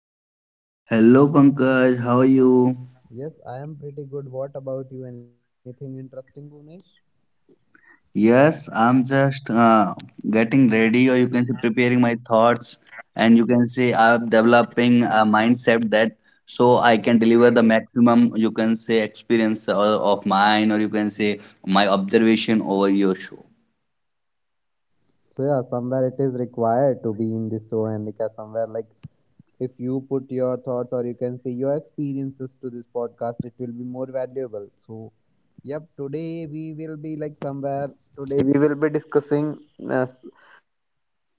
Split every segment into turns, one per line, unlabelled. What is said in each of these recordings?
Welcome to the podcast.
Hello Pankaj, how are you?
Yes, I am pretty good. What about you? Anything interesting, Bhunesh?
Yes, I'm just getting ready, or you can say preparing my thoughts, and you can say I'm developing a mindset that so I can deliver the maximum, you can say, experience of mine, or you can say my observation over your show.
So yeah, somewhere it is required to be in this show, Anika. Somewhere like, if you put your thoughts or you can say your experiences to this podcast, it will be more valuable. So, yep, today we will be discussing uh, s-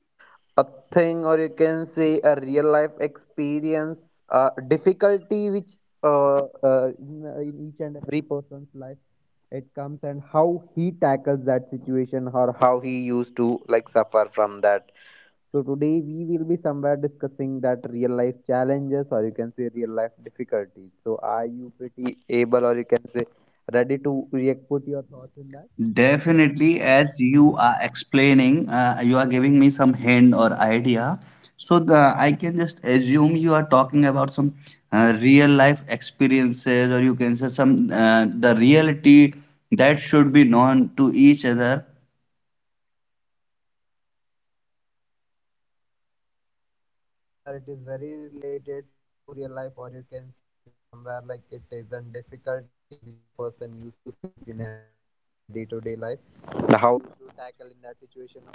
a thing or you can say a real life experience, difficulty which in each and every person's life, it comes how he tackles that situation or how he used to like suffer from that. So today we will be somewhere discussing that real life challenges or you can say real life difficulties. So are you pretty able or you can say ready to react, put your thoughts in that?
Definitely, as you are explaining, you are giving me some hint or idea. So I can just assume you are talking about some real life experiences, or you can say some the reality that should be known to each other.
So yeah, somewhere it is very related to real life or you can say somewhere like it is a difficulty which a person used to face in her day to day life. And how he used to tackle in that situation, how he used to struggle.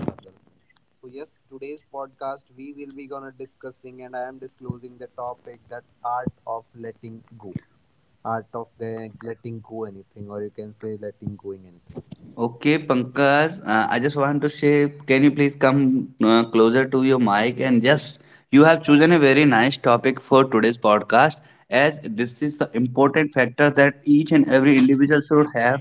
So yes, today's podcast we will be gonna discussing, and I am disclosing the topic that art of letting go, art of the letting go anything, or you can say letting going anything.
Okay, Pankaj, I just want to say, can you please come closer to your mic? And yes, you have chosen a very nice topic for today's podcast, as this is the important factor that each and every individual should have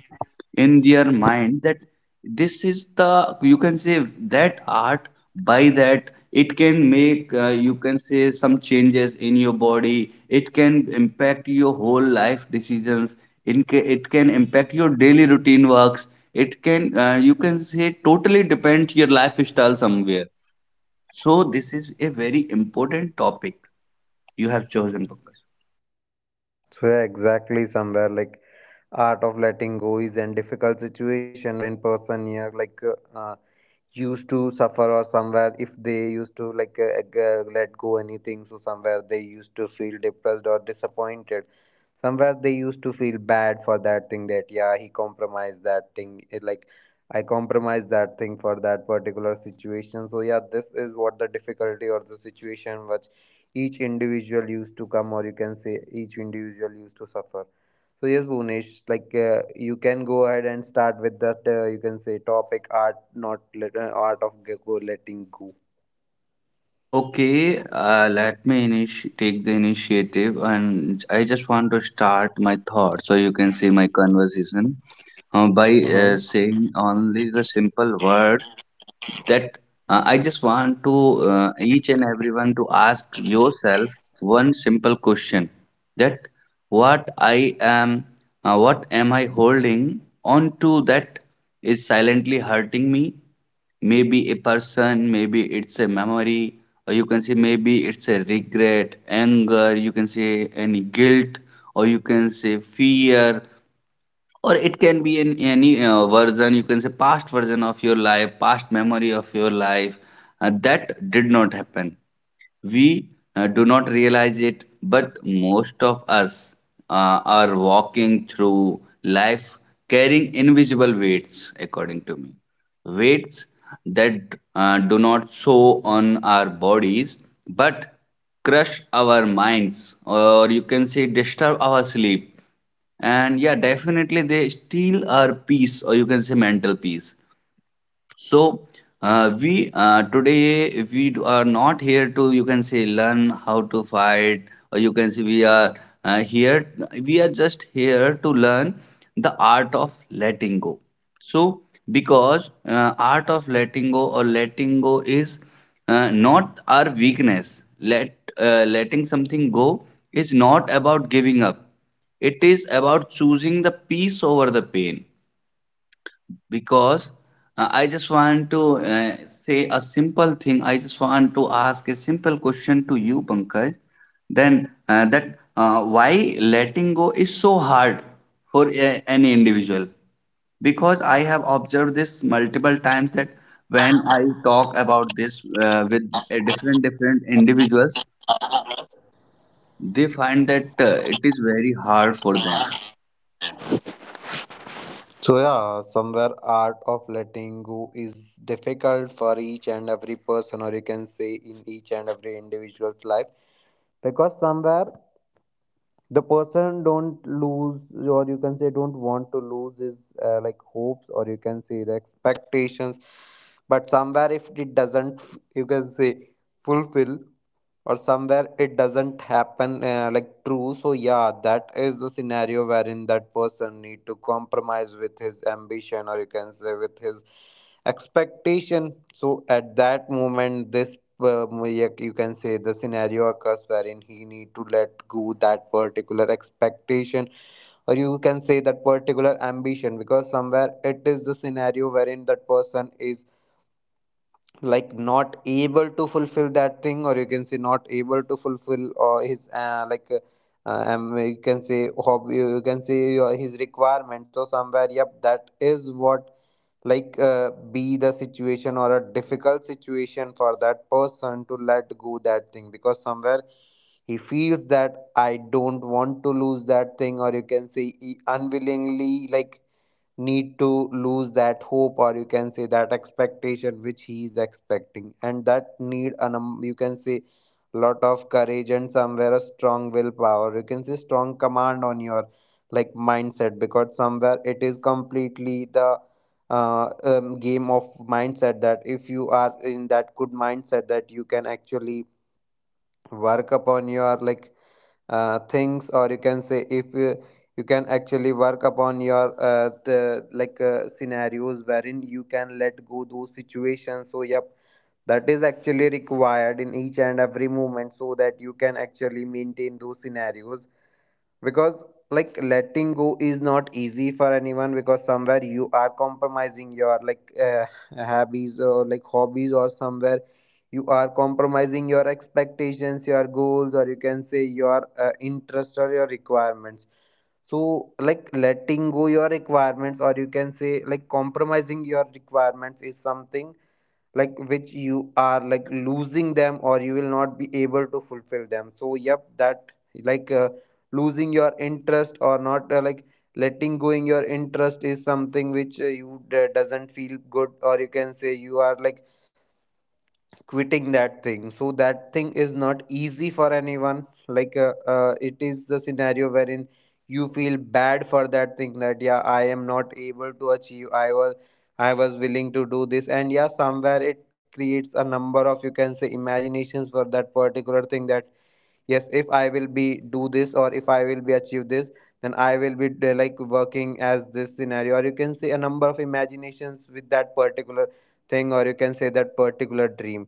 in their mind that this is the, you can say, that art, by that it can make, you can say, some changes in your body. It can impact your whole life decisions. It can impact your daily routine works. It can, you can say, totally depend your lifestyle somewhere. So this is a very important topic you have chosen, Pankaj.
So yeah, exactly somewhere like art of letting go is a difficult situation wherein person here like uh, used to suffer, or somewhere if they used to like let go anything, so somewhere they used to feel depressed or disappointed. Somewhere they used to feel bad for that thing, that yeah, he compromised that thing, it, like I compromised that thing for that particular situation. So yeah, this is what the difficulty or the situation which each individual used to come or you can say each individual used to suffer. So yes, Bhuvnesh, like you can go ahead and start with that. You can say topic art, not let, art of go letting go.
Okay, let me take the initiative, and I just want to start my thoughts, so you can see my conversation by
Mm-hmm.
saying only the simple word that I just want to each and everyone to ask yourself one simple question that what I am, what am I holding on to that is silently hurting me? Maybe a person, maybe it's a memory, or you can say maybe it's a regret, anger, you can say any guilt, or you can say fear, or it can be in any version, you can say past version of your life, past memory of your life, that did not happen. We do not realize it, but most of us are walking through life carrying invisible weights, according to me, weights that do not show on our bodies, but crush our minds, or you can say disturb our sleep, and yeah, definitely they steal our peace, or you can say mental peace. So we today we are not here to, you can say, learn how to fight, or you can say we are here, we are just here to learn the art of letting go. So because art of letting go or letting go is not our weakness. Letting something go is not about giving up. It is about choosing the peace over the pain because I just want to say a simple thing. I just want to ask a simple question to you, Pankaj. Then that why letting go is so hard for any individual? Because I have observed this multiple times that when I talk about this with different different individuals, they find that it is very hard for them.
So yeah, somewhere art of letting go is difficult for each and every person, or you can say in each and every individual's life, because somewhere the person don't lose, or you can say don't want to lose his like hopes, or you can say the expectations. But somewhere, if it doesn't, you can say, fulfill. Or somewhere it doesn't happen like true. So yeah, that is the scenario wherein that person need to compromise with his ambition or you can say with his expectation. So at that moment, this, yeah, you can say the scenario occurs wherein he need to let go that particular expectation or you can say that particular ambition, because somewhere it is the scenario wherein that person is like not able to fulfill that thing, or you can say not able to fulfill or his like you can say hobby, you can say your, his requirements, or somewhere yep, that is what like be the situation or a difficult situation for that person to let go that thing, because somewhere he feels that I don't want to lose that thing, or you can say he unwillingly like need to lose that hope, or you can say that expectation which he is expecting. And that need an, you can say, lot of courage and somewhere a strong willpower, you can say strong command on your like mindset, because somewhere it is completely the game of mindset, that if you are in that good mindset, that you can actually work upon your like things, or you can say if you, you can actually work upon your the, like scenarios wherein you can let go those situations. So yep, that is actually required in each and every moment so that you can actually maintain those scenarios, because like letting go is not easy for anyone, because somewhere you are compromising your like hobbies or like hobbies, or somewhere you are compromising your expectations, your goals, or you can say your interest or your requirements. So like letting go your requirements, or you can say like compromising your requirements is something like which you are like losing them, or you will not be able to fulfill them. So yep, that like losing your interest or not like letting going your interest is something which you doesn't feel good, or you can say you are like quitting that thing. So that thing is not easy for anyone, like it is the scenario wherein you feel bad for that thing, that yeah, I am not able to achieve. I was willing to do this, and yeah, somewhere it creates a number of, you can say, imaginations for that particular thing, that yes, if I will be do this or if I will be achieve this, then I will be like working as this scenario, or you can say a number of imaginations with that particular thing, or you can say that particular dream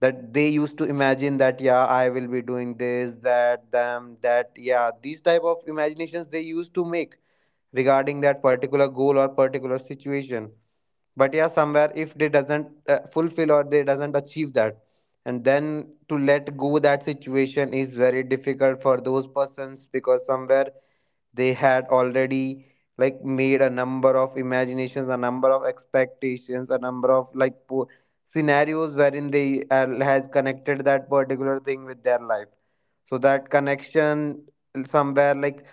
that they used to imagine, that yeah, I will be doing this, that them, that yeah, these type of imaginations they used to make regarding that particular goal or particular situation. But yeah, somewhere if they doesn't fulfill or they doesn't achieve that, and then to let go that situation is very difficult for those persons, because somewhere they had already like made a number of imaginations, a number of expectations, a number of like scenarios wherein they has connected that particular thing with their life. So that connection somewhere like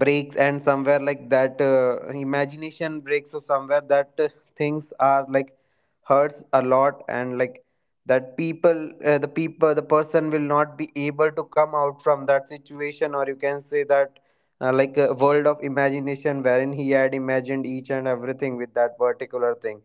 breaks, and somewhere like that imagination breaks, so somewhere that things are like hurts a lot. And like that people the people the person will not be able to come out from that situation, or you can say that like a world of imagination wherein he had imagined each and everything with that particular thing.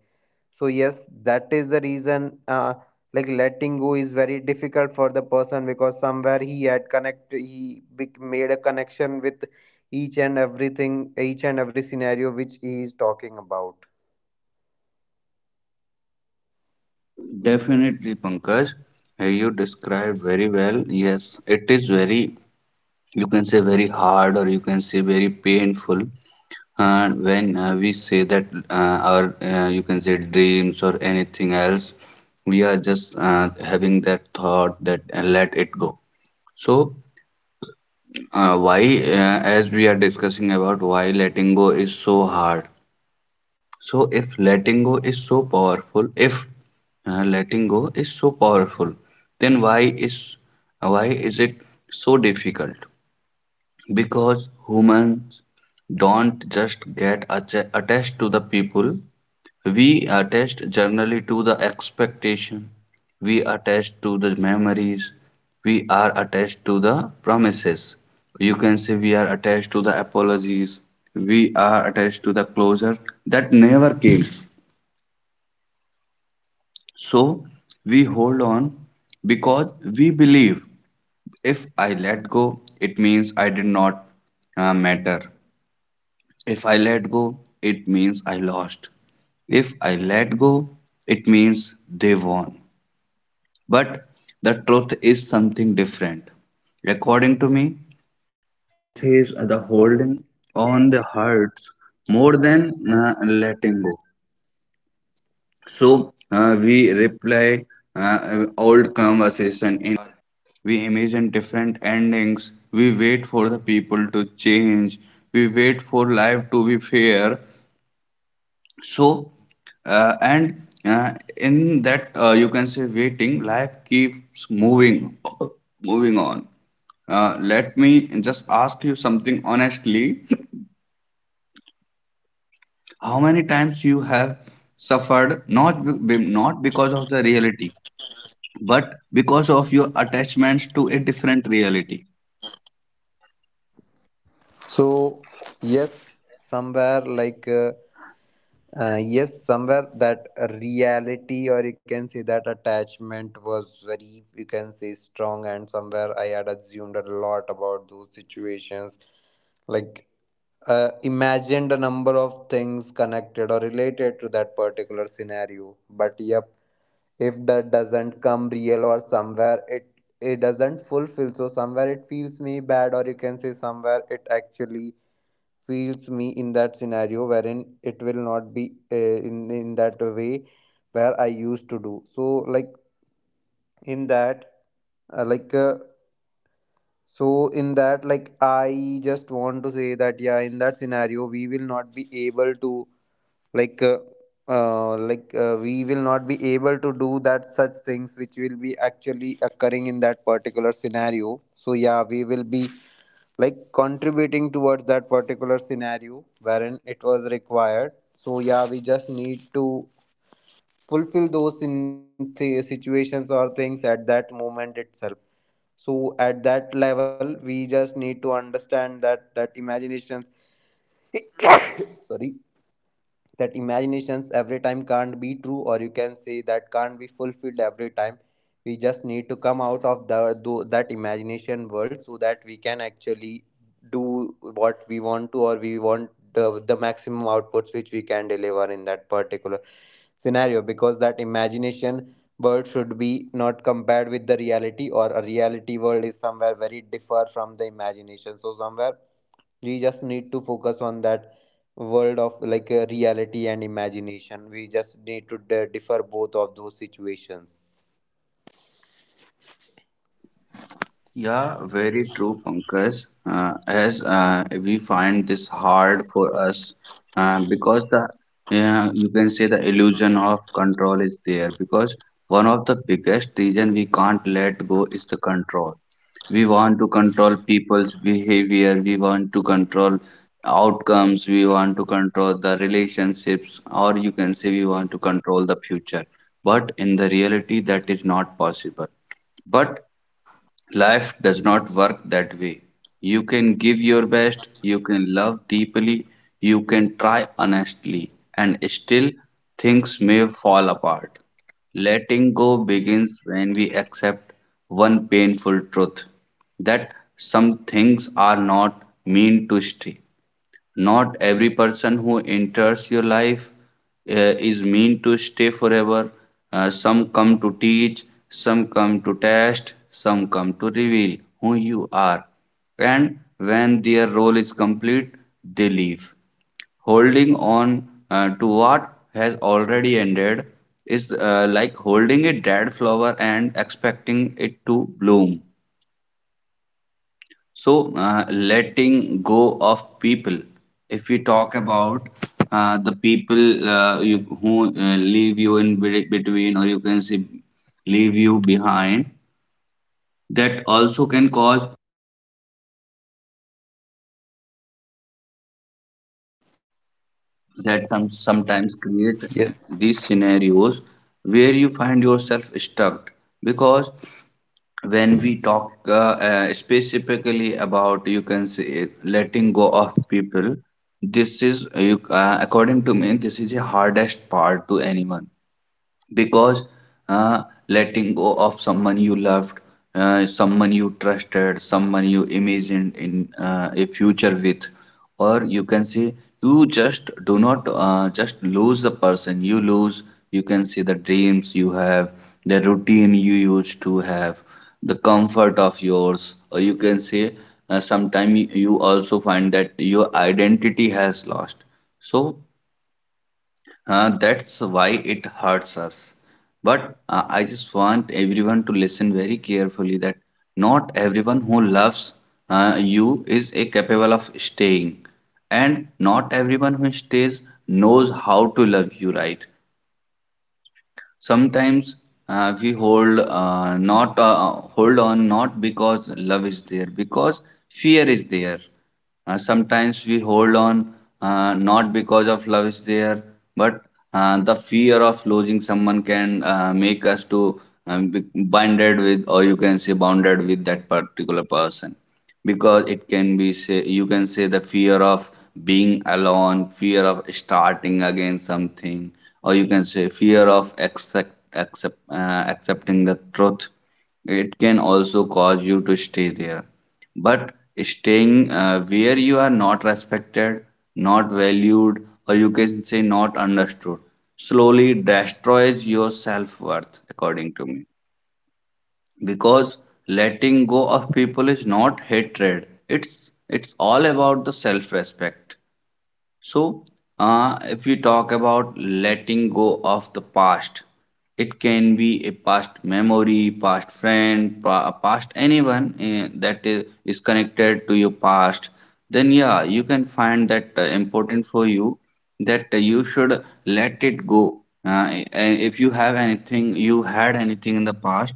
So yes, that is the reason. Like letting go is very difficult for the person, because somewhere he made a connection with each and everything, each and every scenario which he is talking about.
Definitely, Pankaj. You described very well. Yes, it is very, you can say very hard, or you can say very painful. And when we say that our you can say dreams or anything else, we are just having that thought that, let it go. So why as we are discussing about why letting go is so hard, so if letting go is so powerful, if letting go is so powerful, then is why is it so difficult? Because humans don't just get attached to the people, we attach generally to the expectation, we attach to the memories, we are attached to the promises, you can say we are attached to the apologies, we are attached to the closure that never came. So we hold on because we believe if I let go, it means I did not matter. If I let go, it means I lost. If I let go, it means they won. But the truth is something different. According the people to change. We wait for life to be fair. So, and in that, you can say waiting, life keeps moving, moving on. Let me just ask you something honestly. How many times you have suffered not because of the reality, but because of your attachments to a different reality?
So yes, somewhere like yes, somewhere that reality or you can say that attachment was very, you can say, strong, and somewhere I had assumed a lot about those situations, like imagined a number of things connected or related to that particular scenario. But yep, if that doesn't come real or somewhere it doesn't fulfill, so somewhere it feels me bad, or you can say somewhere it actually feels me in that scenario wherein it will not be in that way where I used to do. So like in that uh, like uh, so in that like I just want to say that yeah, in that scenario we will not be able to like uh, do that such things which will be actually occurring in that particular scenario. So yeah, we will be like contributing towards that particular scenario wherein it was required. So yeah, we just need to fulfill those situations or things at that moment itself. So at that level we just need to understand that imagination sorry, that imaginations every time can't be true, or you can say that can't be fulfilled every time. We just need to come out of the that imagination world, so that we can actually do what we want to, or we want the maximum outputs which we can deliver in that particular scenario, because that imagination world should be not compared with the reality, or a reality world is somewhere very differ from the imagination. So somewhere we just need to focus on that world of like reality and imagination. We just need to differ both of those situations.
Yeah, very true, Pankaj. As We find this hard for us because the, you can say the illusion of control is there, because one of the biggest reason we can't let go is the control. We want to control people's behavior. We want to control outcomes. We want to control the relationships, or you can say we want to control the future. But in the reality, that is not possible. But life does not work that way. You can give your best, you can love deeply, you can try honestly, and still things may fall apart. Letting go begins when we accept one painful truth that some things are not meant to stay. Not every person who enters your life uh, is meant to stay forever. Some come to teach, some come to test, some come to reveal who you are. And when their role is complete, they leave. Holding on to what has already ended is like holding a dead flower and expecting it to bloom. So, letting go of people. If we talk about the people, who leave you between, or you can say leave you behind, that also can cause that
Yes.
sometimes create these scenarios where you find yourself stuck, because when we talk specifically about, you can say, letting go of people, this is you according to me this is the hardest part to anyone. Because letting go of someone you loved, someone you trusted, someone you imagined in a future with, or you can say, you just do not just lose the person, you lose, you can say, the dreams you have, the routine you used to have, the comfort of yours, or you can say sometimes you also find that your identity has lost. So that's why it hurts us. But I just want everyone to listen very carefully that not everyone who loves you is a capable of staying, and not everyone who stays knows how to love you right. Sometimes we hold not hold on not because love is there, because fear is there. Sometimes we hold on not because of love is there, but the fear of losing someone can make us to be bonded with, or you can say bounded with, that particular person. Because it can be say, you can say the fear of being alone, fear of starting again something, or you can say fear of accepting the truth. It can also cause you to stay there. But staying where you are not respected, not valued, or you can say not understood, slowly destroys your self-worth, according to me. Because letting go of people is not hatred, it's all about the self respect. So, if we talk about letting go of the past, it can be a past memory, past friend, past anyone that is connected to your past. Then, yeah, you can find that important for you that you should let it go. And if you have anything, you had anything in the past,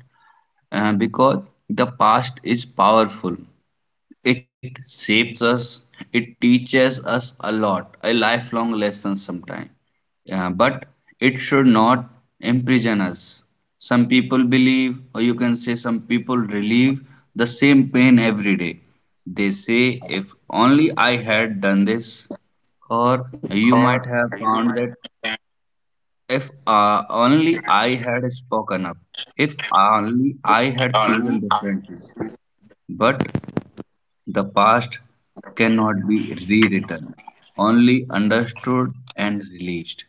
because the past is powerful, it shapes us, it teaches us a lot, a lifelong lesson sometimes. Yeah, but it should not imprison us. Some people believe, or you can say some people relieve, the same pain every day. They say, if only I had done this, or you might
Or
have
you
found that
might
if only I had spoken up, if only I had
only.
chosen differently. But the past cannot be rewritten, only understood and released.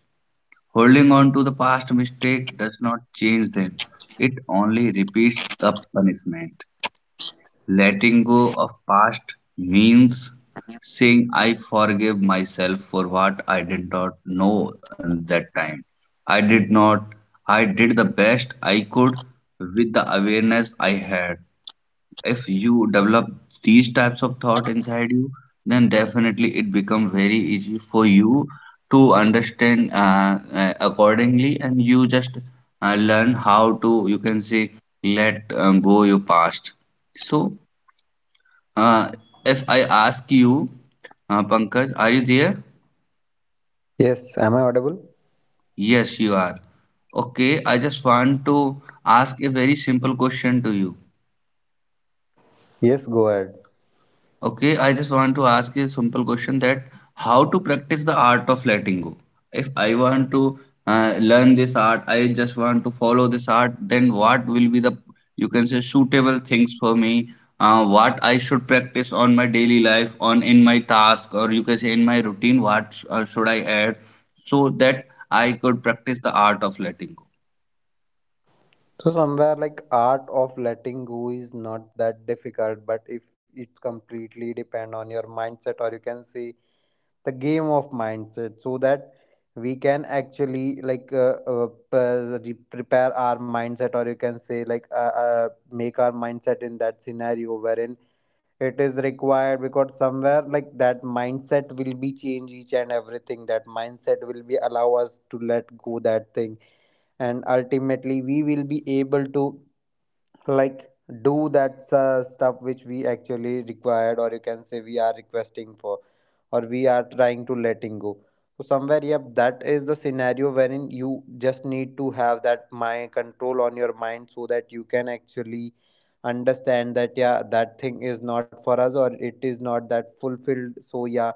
Holding on to the past mistake does not change them, it only repeats the punishment. Letting go of past means saying I forgive myself for what I did not know at that time. I did not I did the best I could with the awareness I had. If you develop these types of thought inside you, then definitely it becomes very easy for you to understand accordingly, and you just learn how to, you can say, let go your past. So, uh, if I ask you, Pankaj, are you there?
Yes, am I audible?
Yes, you are. Okay, I just want to ask a very simple question to you.
Yes, go ahead.
Okay, I just want to ask you a simple question that how to practice the art of letting go. If I want to learn this art, I just want to follow this art, then what will be the, you can say, suitable things for me? What I should practice on my daily life, on in my task, or you can say in my routine, should I add so that I could practice the art of letting go?
So somewhere like art of letting go is not that difficult, but if it's completely depend on your mindset, or you can say the game of mindset. So that we can actually like prepare our mindset, or you can say like uh, make our mindset in that scenario wherein it is required, because somewhere like that mindset will be change each and everything, that mindset will be allow us to let go that thing, and ultimately we will be able to like do that stuff which we actually required, or you can say we are requesting for, or we are trying to letting go. So somewhere yep, that is the scenario wherein you just need to have that mind control on your mind, so that you can actually understand that yeah, that thing is not for us, or it is not that fulfilled. So yeah,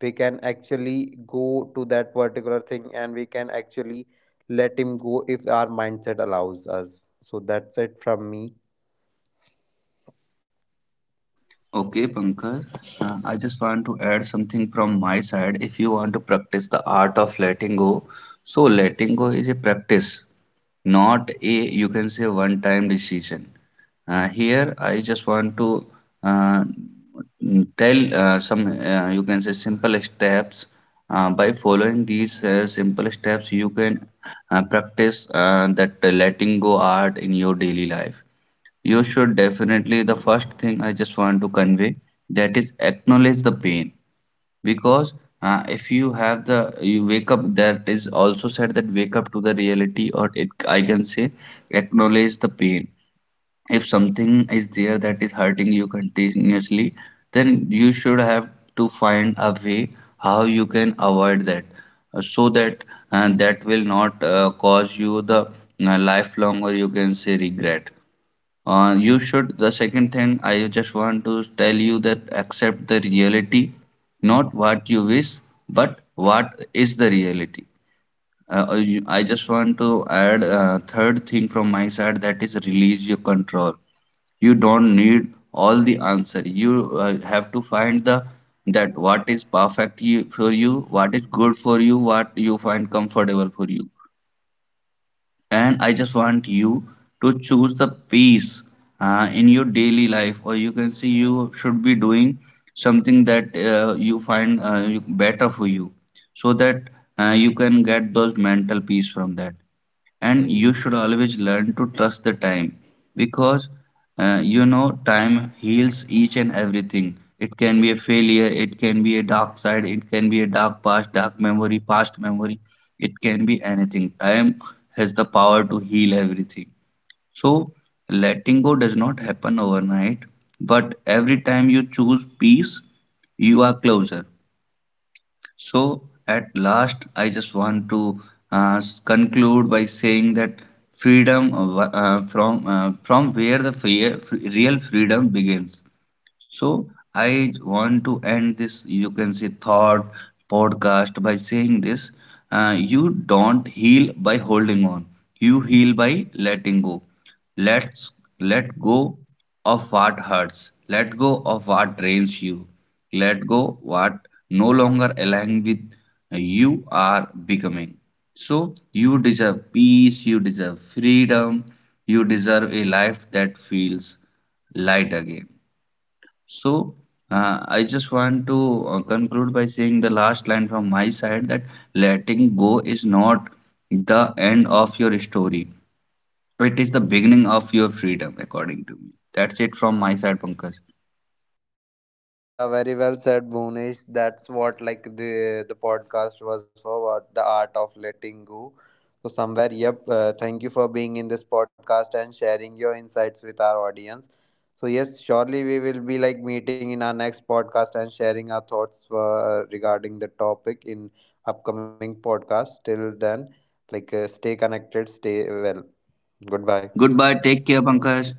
we can actually go to that particular thing, and we can actually let him go if our mindset allows us. So that's it from me.
Okay, Pankaj, I just want to add something from my side. If you want to practice the art of letting go, so letting go is a practice, not a you can say one time decision. Here, I just want to uh, tell some you can say simple steps. By following these simple steps, you can practice that letting go art in your daily life. You should definitely. The first thing I just want to convey that is acknowledge the pain because if you have the you wake up that is also said that wake up to the reality or it I can say acknowledge the pain. If something is there that is hurting you continuously, then you should have to find a way how you can avoid that so that that will not cause you the lifelong or you can say regret. You should. The second thing I just want to tell you that accept the reality, not what you wish, but what is the reality. I just want to add third thing from my side that is release your control. You don't need all the answer. You have to find the that what is perfect you, for you, what is good for you, what you find comfortable for you and I just want you to choose the peace in your daily life, or you can see you should be doing something that better for you, so that you can get those mental peace from that and you should always learn to trust the time because you know time heals each and everything. It can be a failure, it can be a dark side, it can be a dark past, dark memory, past memory, it can be anything. Time has the power to heal everything. So letting go does not happen overnight, but every time you choose peace, you are closer. So, at last, I just want to conclude by saying that freedom of, from where real freedom begins. So I want to end this, you can say, thought podcast by saying this. You don't heal by holding on. You heal by letting go. Let's let go of what hurts. Let go of what drains you. Let go what no longer align with you are becoming. So you deserve peace, you deserve freedom, you deserve a life that feels light again. So, I just want to conclude by saying the last line from my side that letting go is not the end of your story. It is the beginning of your freedom, according to me. That's it from my side, Pankaj.
So yeah, very well said, Bhunesh. That's what like the podcast was for, what the art of letting go. So somewhere, yep. Thank you for being in this podcast and sharing your insights with our audience. So yes, surely we will be like meeting in our next podcast and sharing our thoughts regarding the topic in upcoming podcast. Till then, like stay connected, stay well. Goodbye.
Goodbye. Take care, Pankaj.